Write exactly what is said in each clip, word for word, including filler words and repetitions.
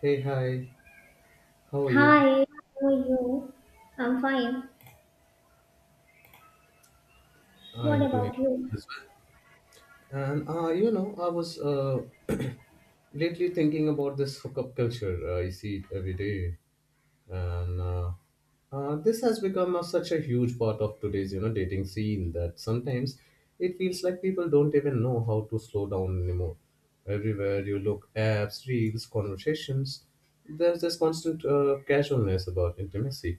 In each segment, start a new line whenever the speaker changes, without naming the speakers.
Hey, hi, how are you?
Hi, how are you? I'm fine. What
I'm doing
about you?
good as well. And uh, you know, I was uh, Lately thinking about this hookup culture. uh, I see it every day. And uh, uh, This has become a, such a huge part of today's you know dating scene that sometimes it feels like people don't even know how to slow down anymore. Everywhere you look, apps, reels, conversations, there's this constant uh, casualness about intimacy,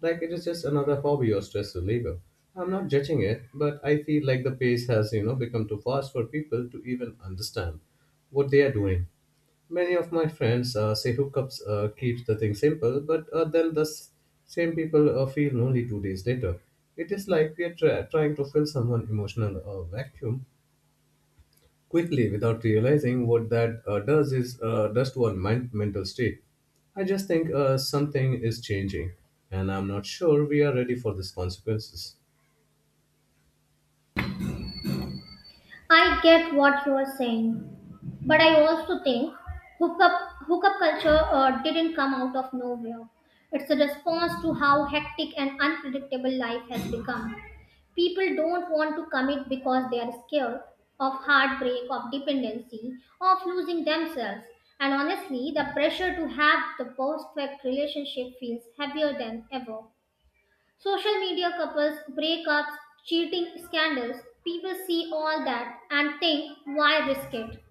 like it is just another hobby or stress reliever. I'm not judging it, but I feel like the pace has you know become too fast for people to even understand what they are doing. Many of my friends uh, say hookups uh, keeps the thing simple, but uh, then the s- same people uh, feel lonely two days later. It is like we are tra- trying to fill someone emotional uh, vacuum quickly without realizing what that uh, does is uh, does to our mind- mental state. I just think uh, something is changing, and I'm not sure we are ready for these consequences.
I get what you are saying, but I also think hookup hookup culture uh, didn't come out of nowhere. It's a response to how hectic and unpredictable life has become. People don't want to commit because they are scared of heartbreak, of dependency, of losing themselves. And honestly, the pressure to have the perfect relationship feels heavier than ever. Social media couples, breakups, cheating scandals, people see all that and think, why risk it?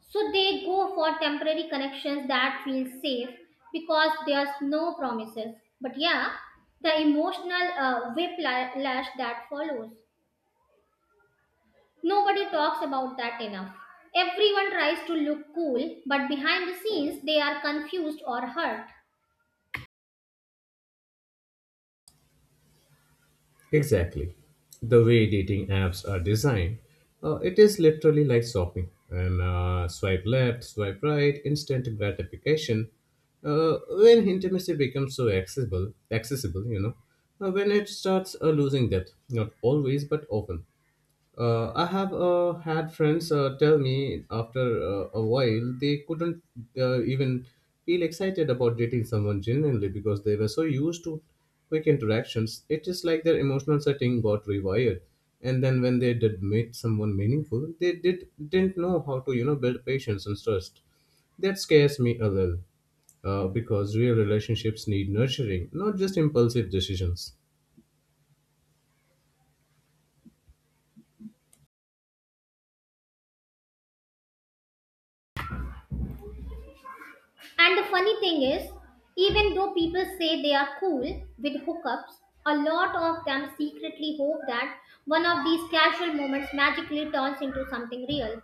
So they go for temporary connections that feel safe because there's no promises. But yeah, the emotional uh, whiplash that follows. Nobody talks about that enough. Everyone tries to look cool, but behind the scenes, they are confused or hurt.
Exactly. The way dating apps are designed, uh, it is literally like shopping. And uh, Swipe left, swipe right, instant gratification. Uh, when intimacy becomes so accessible, accessible, you know, uh, when it starts uh, losing depth, not always but often. Uh, I have uh, had friends uh, tell me after uh, a while they couldn't uh, even feel excited about dating someone genuinely because they were so used to quick interactions. It is like their emotional setting got rewired, and then when they did meet someone meaningful, they did didn't know how to you know build patience and trust. That scares me a little, uh, because real relationships need nurturing, not just impulsive decisions.
And the funny thing is, even though people say they are cool with hookups, a lot of them secretly hope that one of these casual moments magically turns into something real.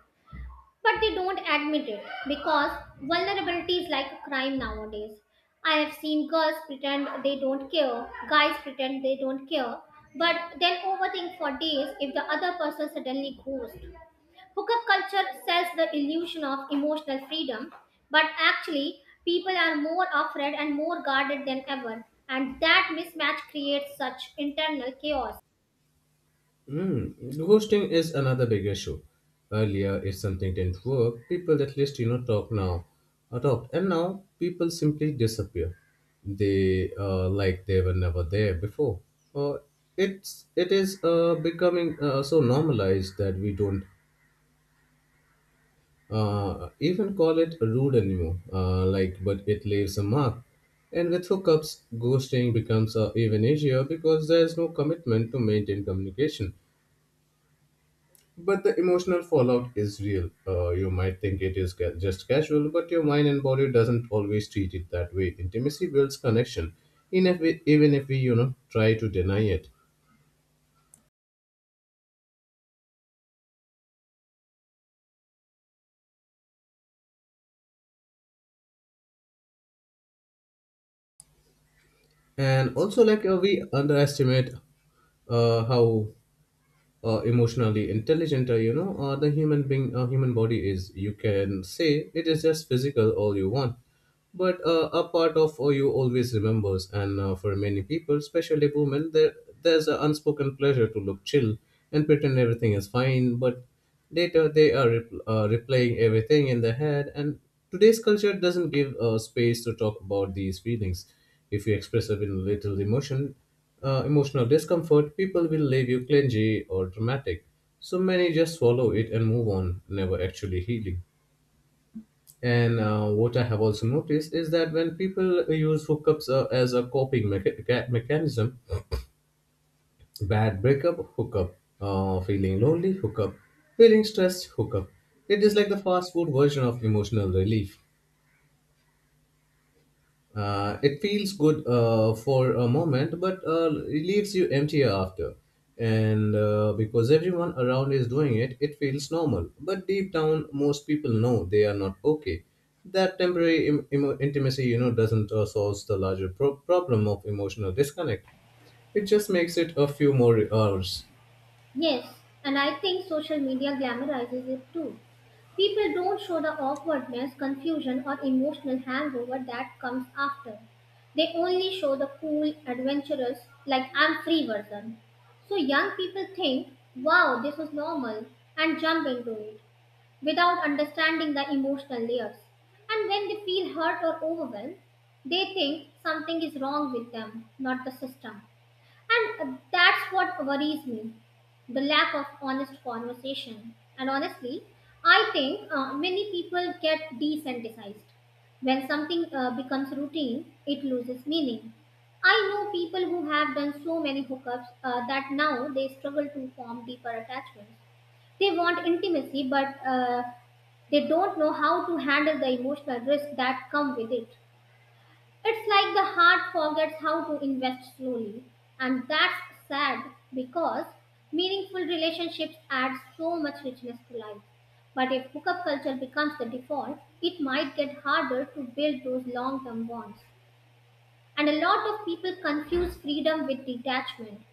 But they don't admit it because vulnerability is like a crime nowadays. I have seen girls pretend they don't care, guys pretend they don't care, but then overthink for days if the other person suddenly goes. Hookup culture sells the illusion of emotional freedom, but actually, people are more afraid and more guarded than ever, and that mismatch creates such internal chaos.
Mm, ghosting is another big issue. Earlier, if something didn't work, people at least you know talk now, or talked, and now people simply disappear. They uh, Like they were never there before. Uh, it's it is uh, becoming uh, so normalized that we don't uh, even call it rude anymore. Uh, like, but it leaves a mark. And with hookups, ghosting becomes uh, even easier because there is no commitment to maintain communication. But the emotional fallout is real. Uh, you might think it is ca- just casual, but your mind and body doesn't always treat it that way. Intimacy builds connection, in if we, even if we, you know, try to deny it. And also, like uh, we underestimate uh, how uh, emotionally intelligent uh, you know uh, the human being uh, human body is. You can say it is just physical all you want, but uh, a part of uh, you always remembers. And uh, for many people, especially women, there there's an unspoken pleasure to look chill and pretend everything is fine, but later they are rep- uh, replaying everything in their head. And today's culture doesn't give uh, space to talk about these feelings. If you express even little emotion, uh, emotional discomfort, people will label you clingy or dramatic. So many just swallow it and move on, never actually healing. And uh, what I have also noticed is that when people use hookups uh, as a coping mecha- ca- mechanism, bad breakup, hookup, uh, feeling lonely, hookup, feeling stressed, hookup. It is like the fast food version of emotional relief. Uh, it feels good uh, for a moment, but uh, it leaves you empty after. And uh, because everyone around is doing it, it feels normal. But deep down, most people know they are not okay. That temporary Im- emo- intimacy, you know, doesn't uh, solve the larger pro- problem of emotional disconnect. It just makes it a few more hours.
Yes, and I think social media glamorizes it too. People don't show the awkwardness, confusion, or emotional hangover that comes after. They only show the cool, adventurous, like I'm free version. So young people think, wow, this is normal, and jump into it, without understanding the emotional layers. And when they feel hurt or overwhelmed, they think something is wrong with them, not the system. And uh, that's what worries me, the lack of honest conversation. And honestly, I think uh, many people get desensitized. When something uh, becomes routine, it loses meaning. I know people who have done so many hookups uh, that now they struggle to form deeper attachments. They want intimacy, but uh, they don't know how to handle the emotional risks that come with it. It's like the heart forgets how to invest slowly, and that's sad because meaningful relationships add so much richness to life. But if hookup culture becomes the default, it might get harder to build those long term bonds. And a lot of people confuse freedom with detachment.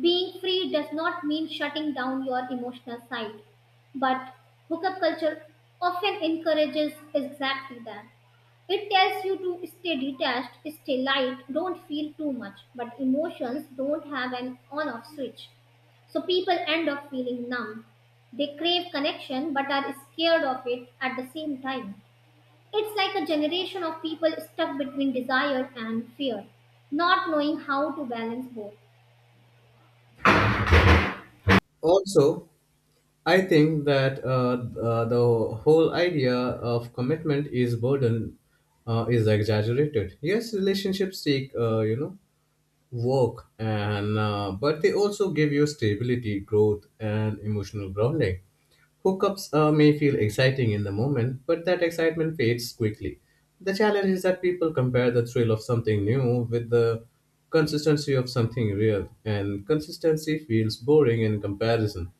Being free does not mean shutting down your emotional side, but hookup culture often encourages exactly that. It tells you to stay detached, stay light, don't feel too much, but emotions don't have an on off switch. So people end up feeling numb. They crave connection but are scared of it at the same time. It's like a generation of people stuck between desire and fear, not knowing how to balance both.
Also, I think that uh, uh, the whole idea of commitment is burden uh, is exaggerated. Yes, relationships take uh, you know work, and uh, but they also give you stability, growth and emotional grounding. Hookups uh, may feel exciting in the moment, but that excitement fades quickly. The challenge is that people compare the thrill of something new with the consistency of something real, and consistency feels boring in comparison.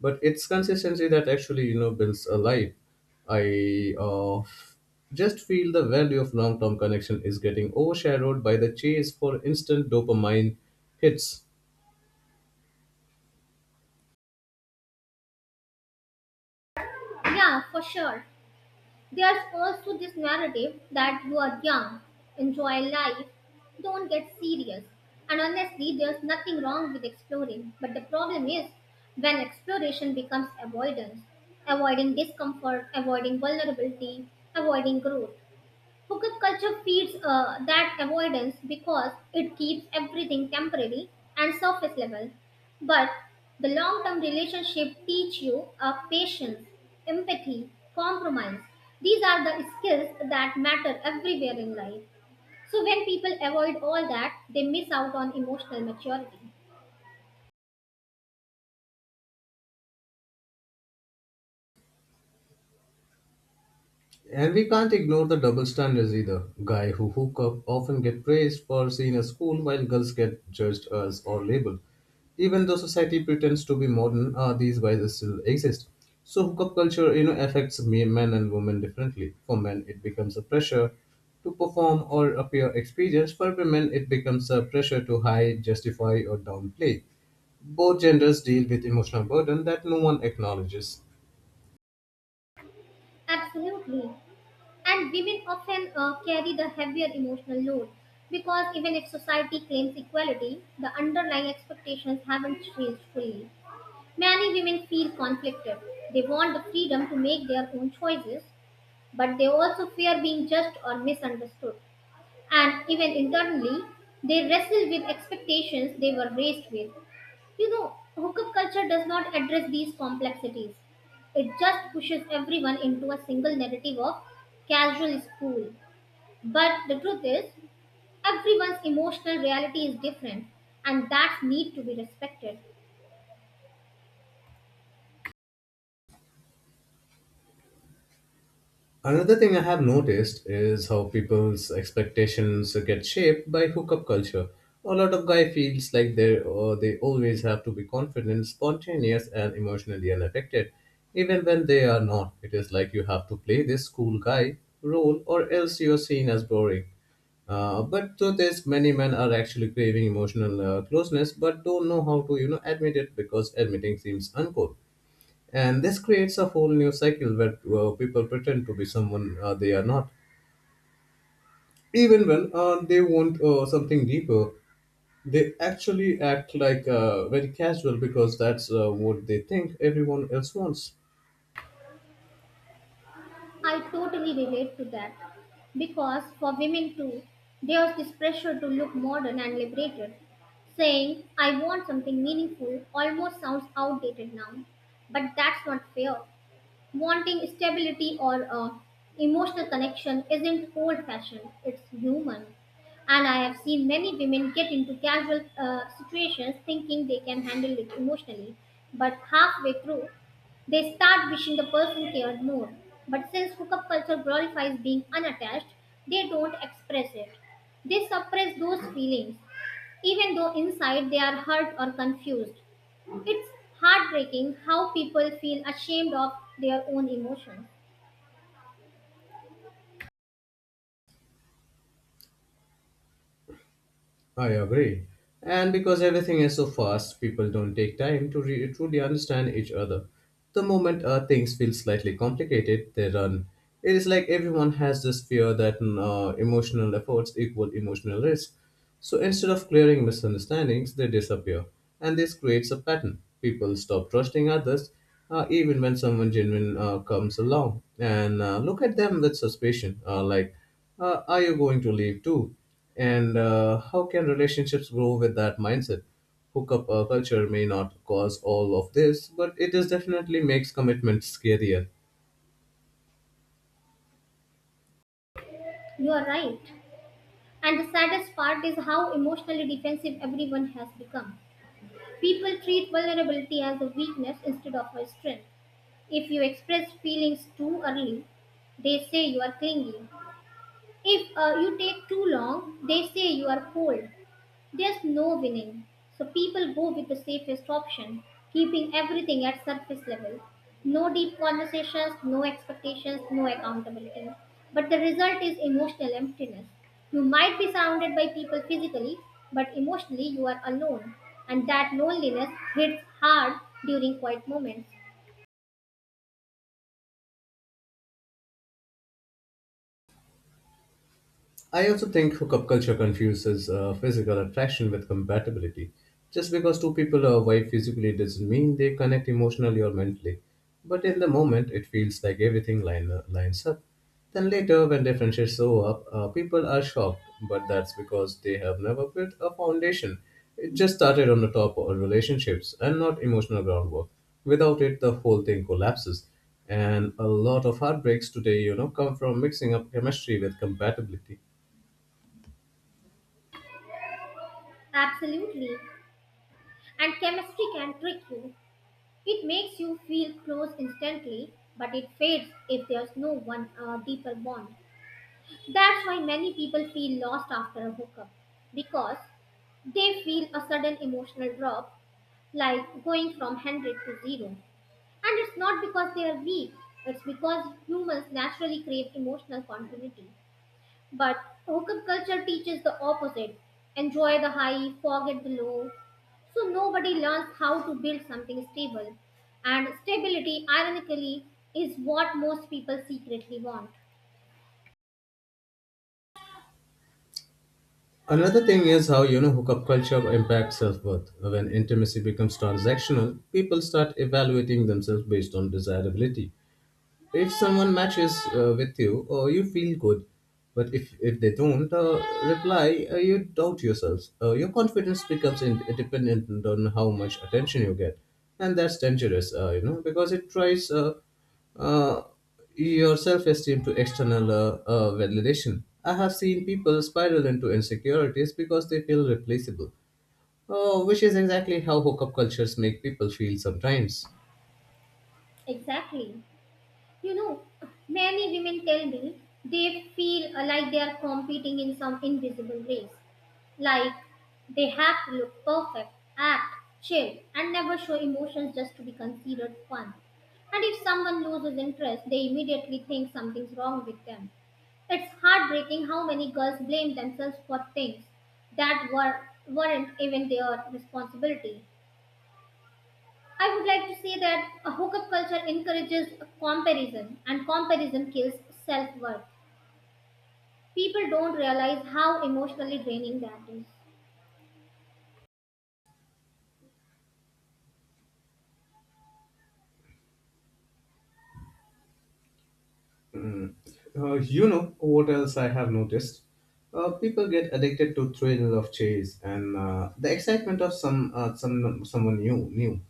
But it's consistency that actually you know builds a life. I uh, just feel the value of long term connection is getting overshadowed by the chase for instant dopamine hits.
Yeah, for sure. There's also this narrative that you are young, enjoy life, don't get serious. And honestly, there's nothing wrong with exploring, but the problem is when exploration becomes avoidance, avoiding discomfort, avoiding vulnerability, avoiding growth. Hookup culture feeds uh, that avoidance because it keeps everything temporary and surface level. But the long term relationship teach you uh, patience, empathy, compromise. These are the skills that matter everywhere in life. So when people avoid all that, they miss out on emotional maturity.
And we can't ignore the double standards either. Guy who hook up often get praised for seeing a school, while girls get judged as or labeled. Even though society pretends to be modern, uh, these biases still exist. So hookup culture, you know, affects me- men and women differently. For men, it becomes a pressure to perform or appear experienced. For women, it becomes a pressure to hide, justify, or downplay. Both genders deal with emotional burden that no one acknowledges.
Absolutely. And women often uh, carry the heavier emotional load because even if society claims equality, the underlying expectations haven't changed fully. Many women feel conflicted. They want the freedom to make their own choices, but they also fear being judged or misunderstood. And even internally, they wrestle with expectations they were raised with. You know, hookup culture does not address these complexities. It just pushes everyone into a single narrative of casual is cool. But the truth is, everyone's emotional reality is different, and that need to be respected.
Another thing I have noticed is how people's expectations get shaped by hookup culture. A lot of guy feels like they uh, they always have to be confident, spontaneous, and emotionally unaffected, even when they are not. It is like you have to play this cool guy role, or else you are seen as boring. Uh, but to this, many men are actually craving emotional uh, closeness, but don't know how to, you know, admit it because admitting seems uncool. And this creates a whole new cycle where uh, people pretend to be someone uh, they are not. Even when uh, they want uh, something deeper, they actually act like uh, very casual, because that's uh, what they think everyone else wants.
I totally relate to that because for women too, there's this pressure to look modern and liberated. Saying, I want something meaningful almost sounds outdated now, but that's not fair. Wanting stability or a emotional connection isn't old fashioned, it's human. And I have seen many women get into casual uh, situations thinking they can handle it emotionally, but halfway through, they start wishing the person cared more. But since hookup culture glorifies being unattached, they don't express it. They suppress those feelings, even though inside they are hurt or confused. It's heartbreaking how people feel ashamed of their own emotions.
I agree. And because everything is so fast, people don't take time to re- truly understand each other. The moment uh, things feel slightly complicated, they run. It is like everyone has this fear that mm, uh, emotional efforts equal emotional risk. So instead of clearing misunderstandings, they disappear. And this creates a pattern. People stop trusting others, uh, even when someone genuine uh, comes along, and uh, look at them with suspicion, uh, like, uh, are you going to leave too? And uh, how can relationships grow with that mindset? Hookup uh, culture may not cause all of this, but it is definitely makes commitment scarier.
You are right. And the saddest part is how emotionally defensive everyone has become. People treat vulnerability as a weakness instead of a strength. If you express feelings too early, they say you are clingy. If uh, you take too long, they say you are cold. There's no winning, so people go with the safest option, keeping everything at surface level. No deep conversations, no expectations, no accountability. But the result is emotional emptiness. You might be surrounded by people physically, but emotionally you are alone, and that loneliness hits hard during quiet moments.
I also think hookup culture confuses uh, physical attraction with compatibility. Just because two people are wife physically doesn't mean they connect emotionally or mentally. But in the moment, it feels like everything line, uh, lines up. Then later, when their friendships show up, uh, people are shocked, but that's because they have never built a foundation. It just started on the top of relationships and not emotional groundwork. Without it, the whole thing collapses. And a lot of heartbreaks today, you know, come from mixing up chemistry with compatibility.
Absolutely. And chemistry can trick you. It makes you feel close instantly, but it fades if there's no one uh, deeper bond. That's why many people feel lost after a hookup because they feel a sudden emotional drop, like going from one hundred to zero. And it's not because they are weak, it's because humans naturally crave emotional continuity. But hookup culture teaches the opposite, enjoy the high, forget the low. So nobody learns how to build something stable. And stability, ironically, is what most people secretly want.
Another thing is how you know hookup culture impacts self-worth. When intimacy becomes transactional, people start evaluating themselves based on desirability. If someone matches uh, with you, uh, you feel good. But if, if they don't uh, reply, uh, you doubt yourselves. Uh, your confidence becomes in- dependent on how much attention you get. And that's dangerous, uh, you know, because it tries uh, uh, your self esteem to external uh, uh, validation. I have seen people spiral into insecurities because they feel replaceable, uh, which is exactly how hookup cultures make people feel sometimes.
Exactly. You know, many women tell me they feel like they are competing in some invisible race, like they have to look perfect, act, chill, and never show emotions just to be considered fun. And if someone loses interest, they immediately think something's wrong with them. It's heartbreaking how many girls blame themselves for things that were, weren't even their responsibility. I would like to say that a hookup culture encourages comparison, and comparison kills self worth. People don't realize how emotionally draining that is.
Hmm. Uh, you know what else I have noticed? Uh, people get addicted to thrill of chase and uh, the excitement of some uh, some someone new new,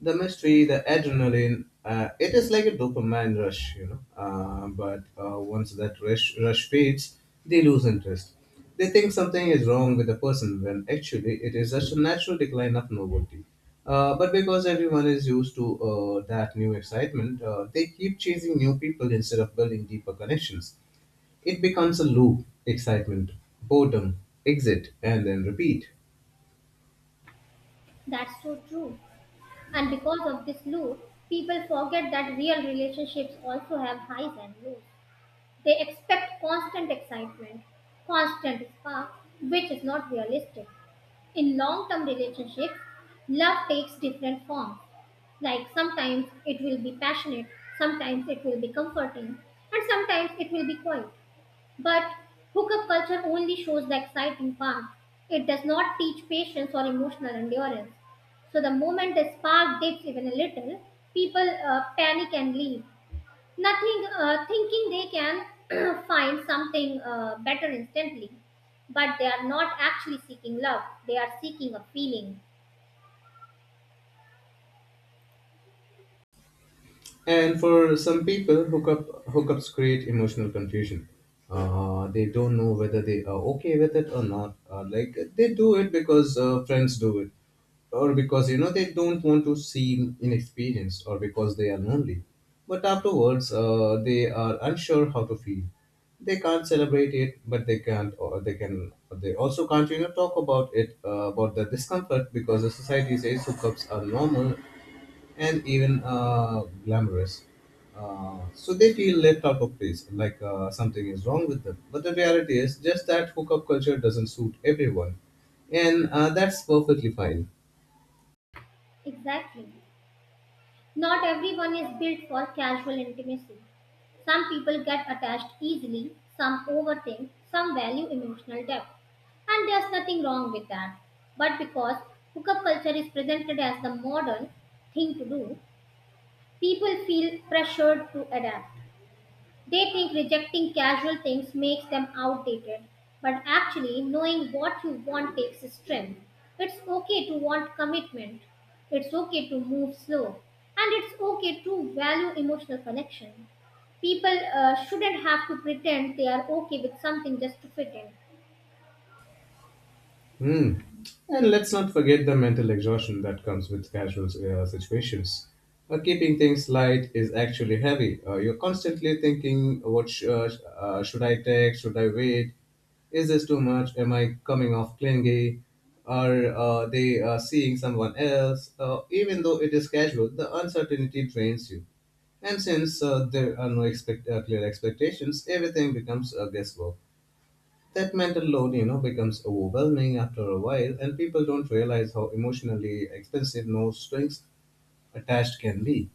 the mystery, the adrenaline. Uh, it is like a dopamine rush, you know. Uh, but uh, once that rush, rush fades, they lose interest. They think something is wrong with the person when actually it is just a natural decline of novelty. Uh, but because everyone is used to uh, that new excitement, uh, they keep chasing new people instead of building deeper connections. It becomes a loop, excitement, boredom, exit, and then repeat.
That's so true. And because of this loop, people forget that real relationships also have highs and lows. They expect constant excitement, constant spark, which is not realistic. In long term relationships, love takes different forms. Like sometimes it will be passionate, sometimes it will be comforting, and sometimes it will be quiet. But hookup culture only shows the exciting part. It does not teach patience or emotional endurance. So the moment the spark dips even a little, people uh, panic and leave. Nothing, uh, thinking they can find something uh, better instantly. But they are not actually seeking love, they are seeking a feeling.
And for some people, hookup hookups create emotional confusion. Uh, they don't know whether they are okay with it or not. Uh, like they do it because uh, friends do it, or because you know they don't want to seem inexperienced, or because they are lonely. But afterwards, uh, they are unsure how to feel. They can't celebrate it, but they can't, or they can. They also can't, you know, talk about it, uh, about the discomfort, because the society says hookups are normal and even uh, glamorous. Uh, so they feel left out of place, like uh, something is wrong with them. But the reality is just that hookup culture doesn't suit everyone, and uh, that's perfectly fine.
Exactly. Not everyone is built for casual intimacy. Some people get attached easily, some overthink, some value emotional depth. And there's nothing wrong with that. But because hookup culture is presented as the modern thing to do, people feel pressured to adapt. They think rejecting casual things makes them outdated, but actually, knowing what you want takes strength. It's okay to want commitment, it's okay to move slow, and it's okay to value emotional connection. People uh, shouldn't have to pretend they are okay with something just to fit in.
Hmm. And let's not forget the mental exhaustion that comes with casual uh, situations. Uh, keeping things light is actually heavy. Uh, you're constantly thinking, what sh- uh, sh- uh, should I text? Should I wait? Is this too much? Am I coming off clingy? Are uh, they uh, seeing someone else? Uh, even though it is casual, the uncertainty drains you. And since uh, there are no expect- uh, clear expectations, everything becomes a guesswork. That mental load, you know, becomes overwhelming after a while, and people don't realize how emotionally expensive no strings attached can be.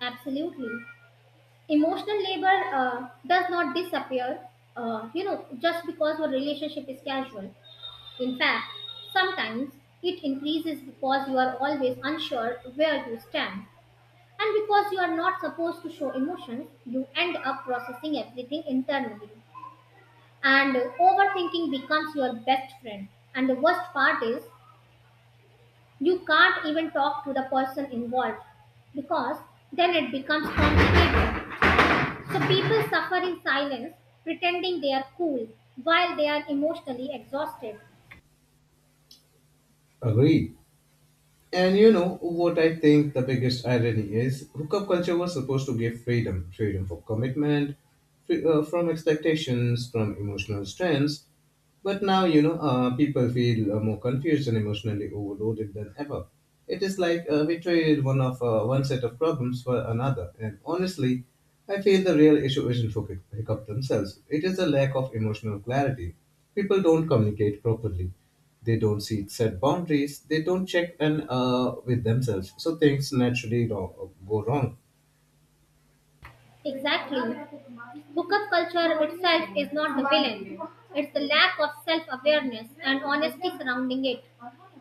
Absolutely. Emotional labor uh, does not disappear, uh, you know, just because your relationship is casual. In fact, sometimes it increases because you are always unsure where you stand. And because you are not supposed to show emotions, you end up processing everything internally. And overthinking becomes your best friend. And the worst part is, you can't even talk to the person involved because then it becomes complicated. So people suffer in silence, pretending they are cool while they are emotionally exhausted.
Agreed. And you know what I think the biggest irony is? Hookup culture was supposed to give freedom freedom for commitment, free, uh, from expectations, from emotional strengths. But now, you know, uh, people feel uh, more confused and emotionally overloaded than ever. It is like uh, we traded one of uh, one set of problems for another. And honestly, I feel the real issue isn't hookup hookup themselves. It is the lack of emotional clarity. People don't communicate properly, they don't see set boundaries, they don't check in uh, with themselves, so things naturally wrong, go wrong.
Exactly. Hookup culture itself is not the villain. It's the lack of self awareness and honesty surrounding it.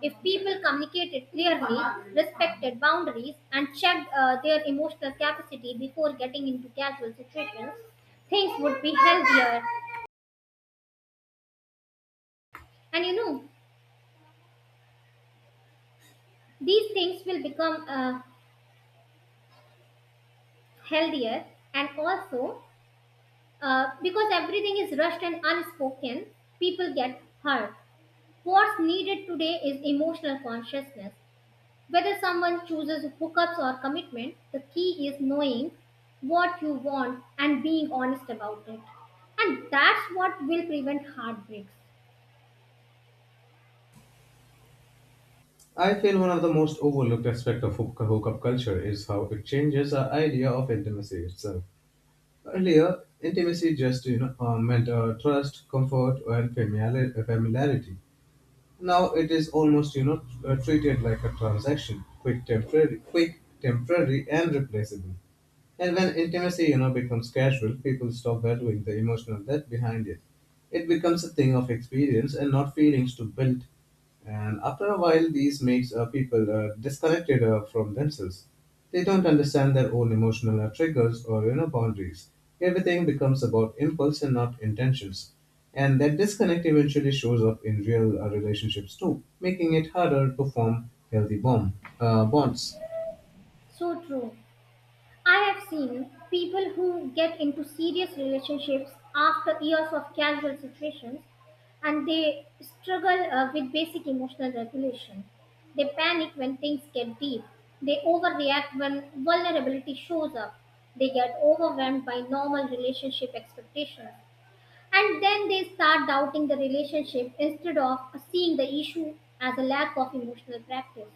If people communicated clearly, respected boundaries, and checked uh, their emotional capacity before getting into casual situations, things would be healthier. And you know, these things will become uh, healthier and also uh, because everything is rushed and unspoken, people get hurt. What's needed today is emotional consciousness. Whether someone chooses hookups or commitment, the key is knowing what you want and being honest about it. And that's what will prevent heartbreaks.
I feel one of the most overlooked aspects of hook- hookup culture is how it changes our idea of intimacy itself. Earlier intimacy just, you know uh, meant uh, trust, comfort, and familiar- familiarity. Now it is almost, you know uh, treated like a transaction, quick temporary quick, temporary, and replaceable. And when intimacy, you know, becomes casual, people stop valuing the emotional depth behind it. It becomes a thing of experience and not feelings to build. And after a while, these makes uh, people uh, disconnected uh, from themselves. They don't understand their own emotional uh, triggers or, you know boundaries. Everything becomes about impulse and not intentions. And that disconnect eventually shows up in real uh, relationships too, making it harder to form healthy bond, uh, bonds.
So true. I have seen people who get into serious relationships after years of casual situations and they struggle uh, with basic emotional regulation. They panic when things get deep. They overreact when vulnerability shows up. They get overwhelmed by normal relationship expectations. And then they start doubting the relationship instead of seeing the issue as a lack of emotional practice.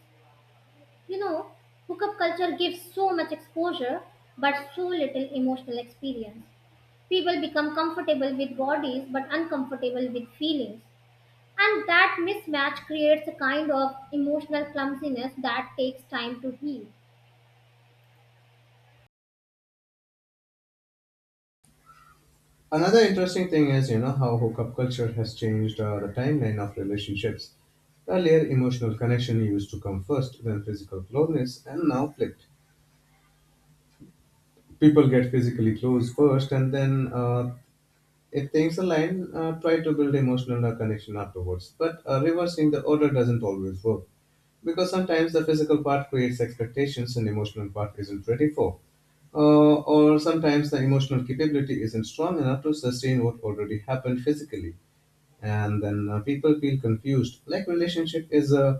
You know, hookup culture gives so much exposure but so little emotional experience. People become comfortable with bodies but uncomfortable with feelings. And that mismatch creates a kind of emotional clumsiness that takes time to heal.
Another interesting thing is, you know, how hookup culture has changed uh, the timeline of relationships. Earlier, emotional connection used to come first, then physical closeness, and now flipped. People get physically close first, and then, uh, if things align, uh, try to build emotional uh, connection afterwards. But uh, reversing the order doesn't always work because sometimes the physical part creates expectations and emotional part isn't ready for. Uh, or sometimes the emotional capability isn't strong enough to sustain what already happened physically, and then uh, people feel confused, like relationship is uh,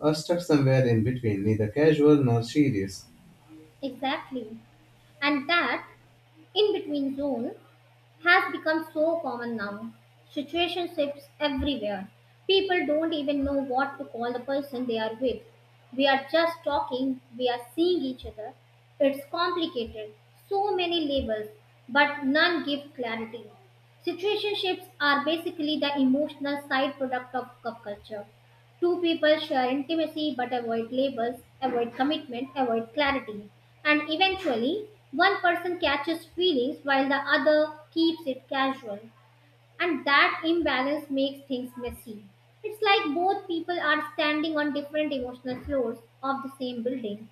uh, stuck somewhere in between, neither casual nor serious.
Exactly. And that in between zone has become so common now. Situationships everywhere. People don't even know what to call the person they are with. We are just talking, we are seeing each other. It's complicated. So many labels, but none give clarity. Situationships are basically the emotional side product of cup culture. Two people share intimacy but avoid labels, avoid commitment, avoid clarity. And eventually, one person catches feelings while the other keeps it casual. And that imbalance makes things messy. It's like both people are standing on different emotional floors of the same building.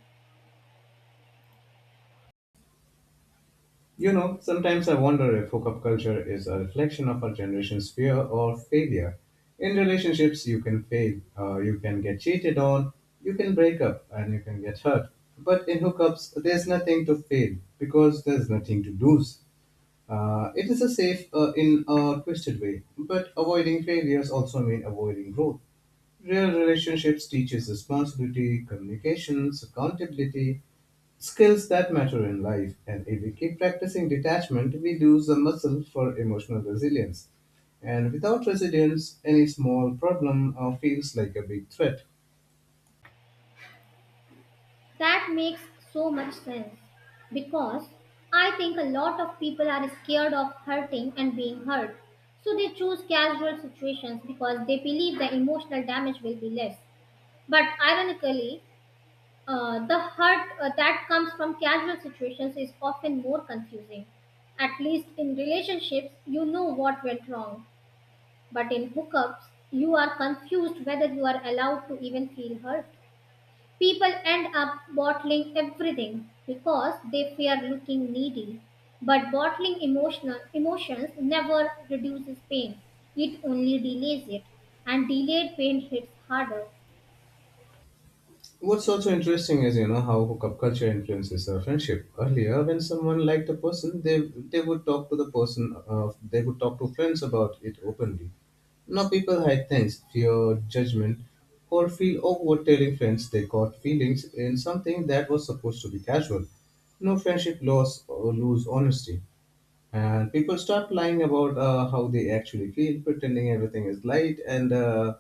You know sometimes i wonder if hookup culture is a reflection of our generation's fear or failure. In relationships you can fail, uh, you can get cheated on, you can break up, and you can get hurt. But in hookups there's nothing to fail because there's nothing to lose. Uh, it is a safe, uh, in a twisted way, but avoiding failures also mean avoiding growth. Real relationships teaches responsibility, communications, accountability, skills that matter in life. And if we keep practicing detachment, we lose the muscle for emotional resilience. And without resilience, any small problem uh, feels like a big threat.
That makes so much sense because I think a lot of people are scared of hurting and being hurt. So they choose casual situations because they believe the emotional damage will be less. But ironically, uh, the hurt uh, that comes from casual situations is often more confusing. At least in relationships, you know what went wrong. But in hookups, you are confused whether you are allowed to even feel hurt. People end up bottling everything because they fear looking needy. But bottling emotional emotions never reduces pain. It only delays it. And delayed pain hits harder.
What's also interesting is, you know, how hookup culture influences our friendship. Earlier, when someone liked a person, they they would talk to the person, uh, they would talk to friends about it openly. Now people hide things, fear judgment, or feel awkward telling friends they caught feelings in something that was supposed to be casual. No friendship loss or lose honesty. And people start lying about uh, how they actually feel, pretending everything is light, and uh,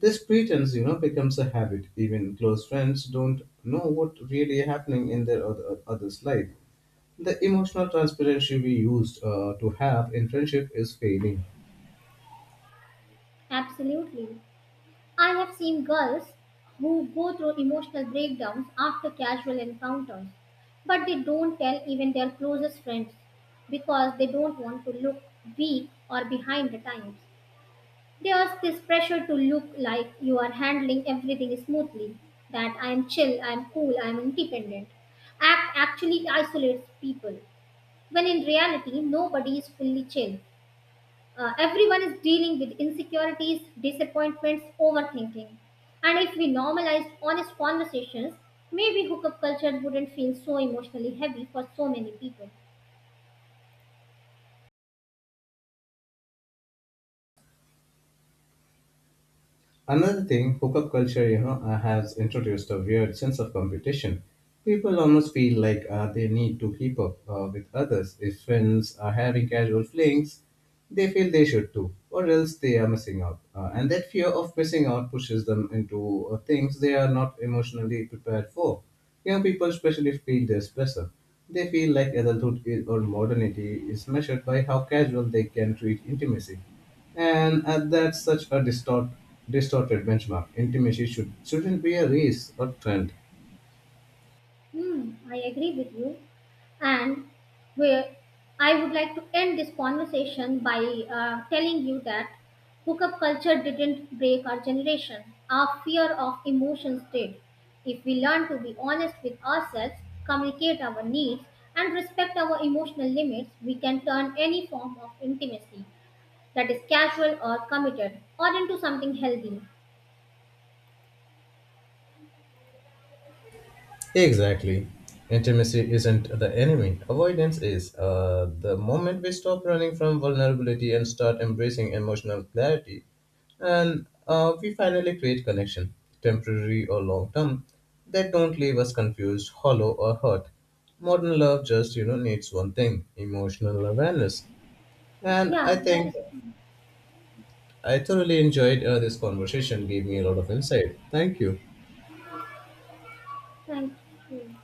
this pretense, you know, becomes a habit. Even close friends don't know what really happening in their other, other's life. The emotional transparency we used uh, to have in friendship is failing.
Absolutely. I have seen girls who go through emotional breakdowns after casual encounters, but they don't tell even their closest friends because they don't want to look weak or behind the times. There's this pressure to look like you are handling everything smoothly, that I'm chill, I'm cool, I'm independent. Act actually isolates people, when in reality, nobody is fully chill. Uh, everyone is dealing with insecurities, disappointments, overthinking. And if we normalized honest conversations, maybe hookup culture wouldn't feel so emotionally heavy for so many people.
Another thing, hookup culture, you know, uh, has introduced a weird sense of competition. People almost feel like uh, they need to keep up uh, with others. If friends are having casual flings, they feel they should too, or else they are missing out. Uh, and that fear of missing out pushes them into uh, things they are not emotionally prepared for. Young people especially feel this pressure. They feel like adulthood is, or modernity is measured by how casual they can treat intimacy, and uh, that's such a distort, distorted benchmark. Intimacy should shouldn't be a race or trend.
Hmm, I agree with you. And where I would like to end this conversation by uh, telling you that hookup culture didn't break our generation. Our fear of emotions did. If we learn to be honest with ourselves, communicate our needs, and respect our emotional limits, we can turn any form of intimacy that is casual or committed or into something healthy.
Exactly. Intimacy isn't the enemy. Avoidance is. Uh, the moment we stop running from vulnerability and start embracing emotional clarity, and uh, we finally create connection, temporary or long term, that don't leave us confused, hollow, or hurt. Modern love just, you know, needs one thing: emotional awareness. And I
Yeah, that
think
is true.
I thoroughly enjoyed uh, this conversation, gave me a lot of insight. Thank you.
Thank you.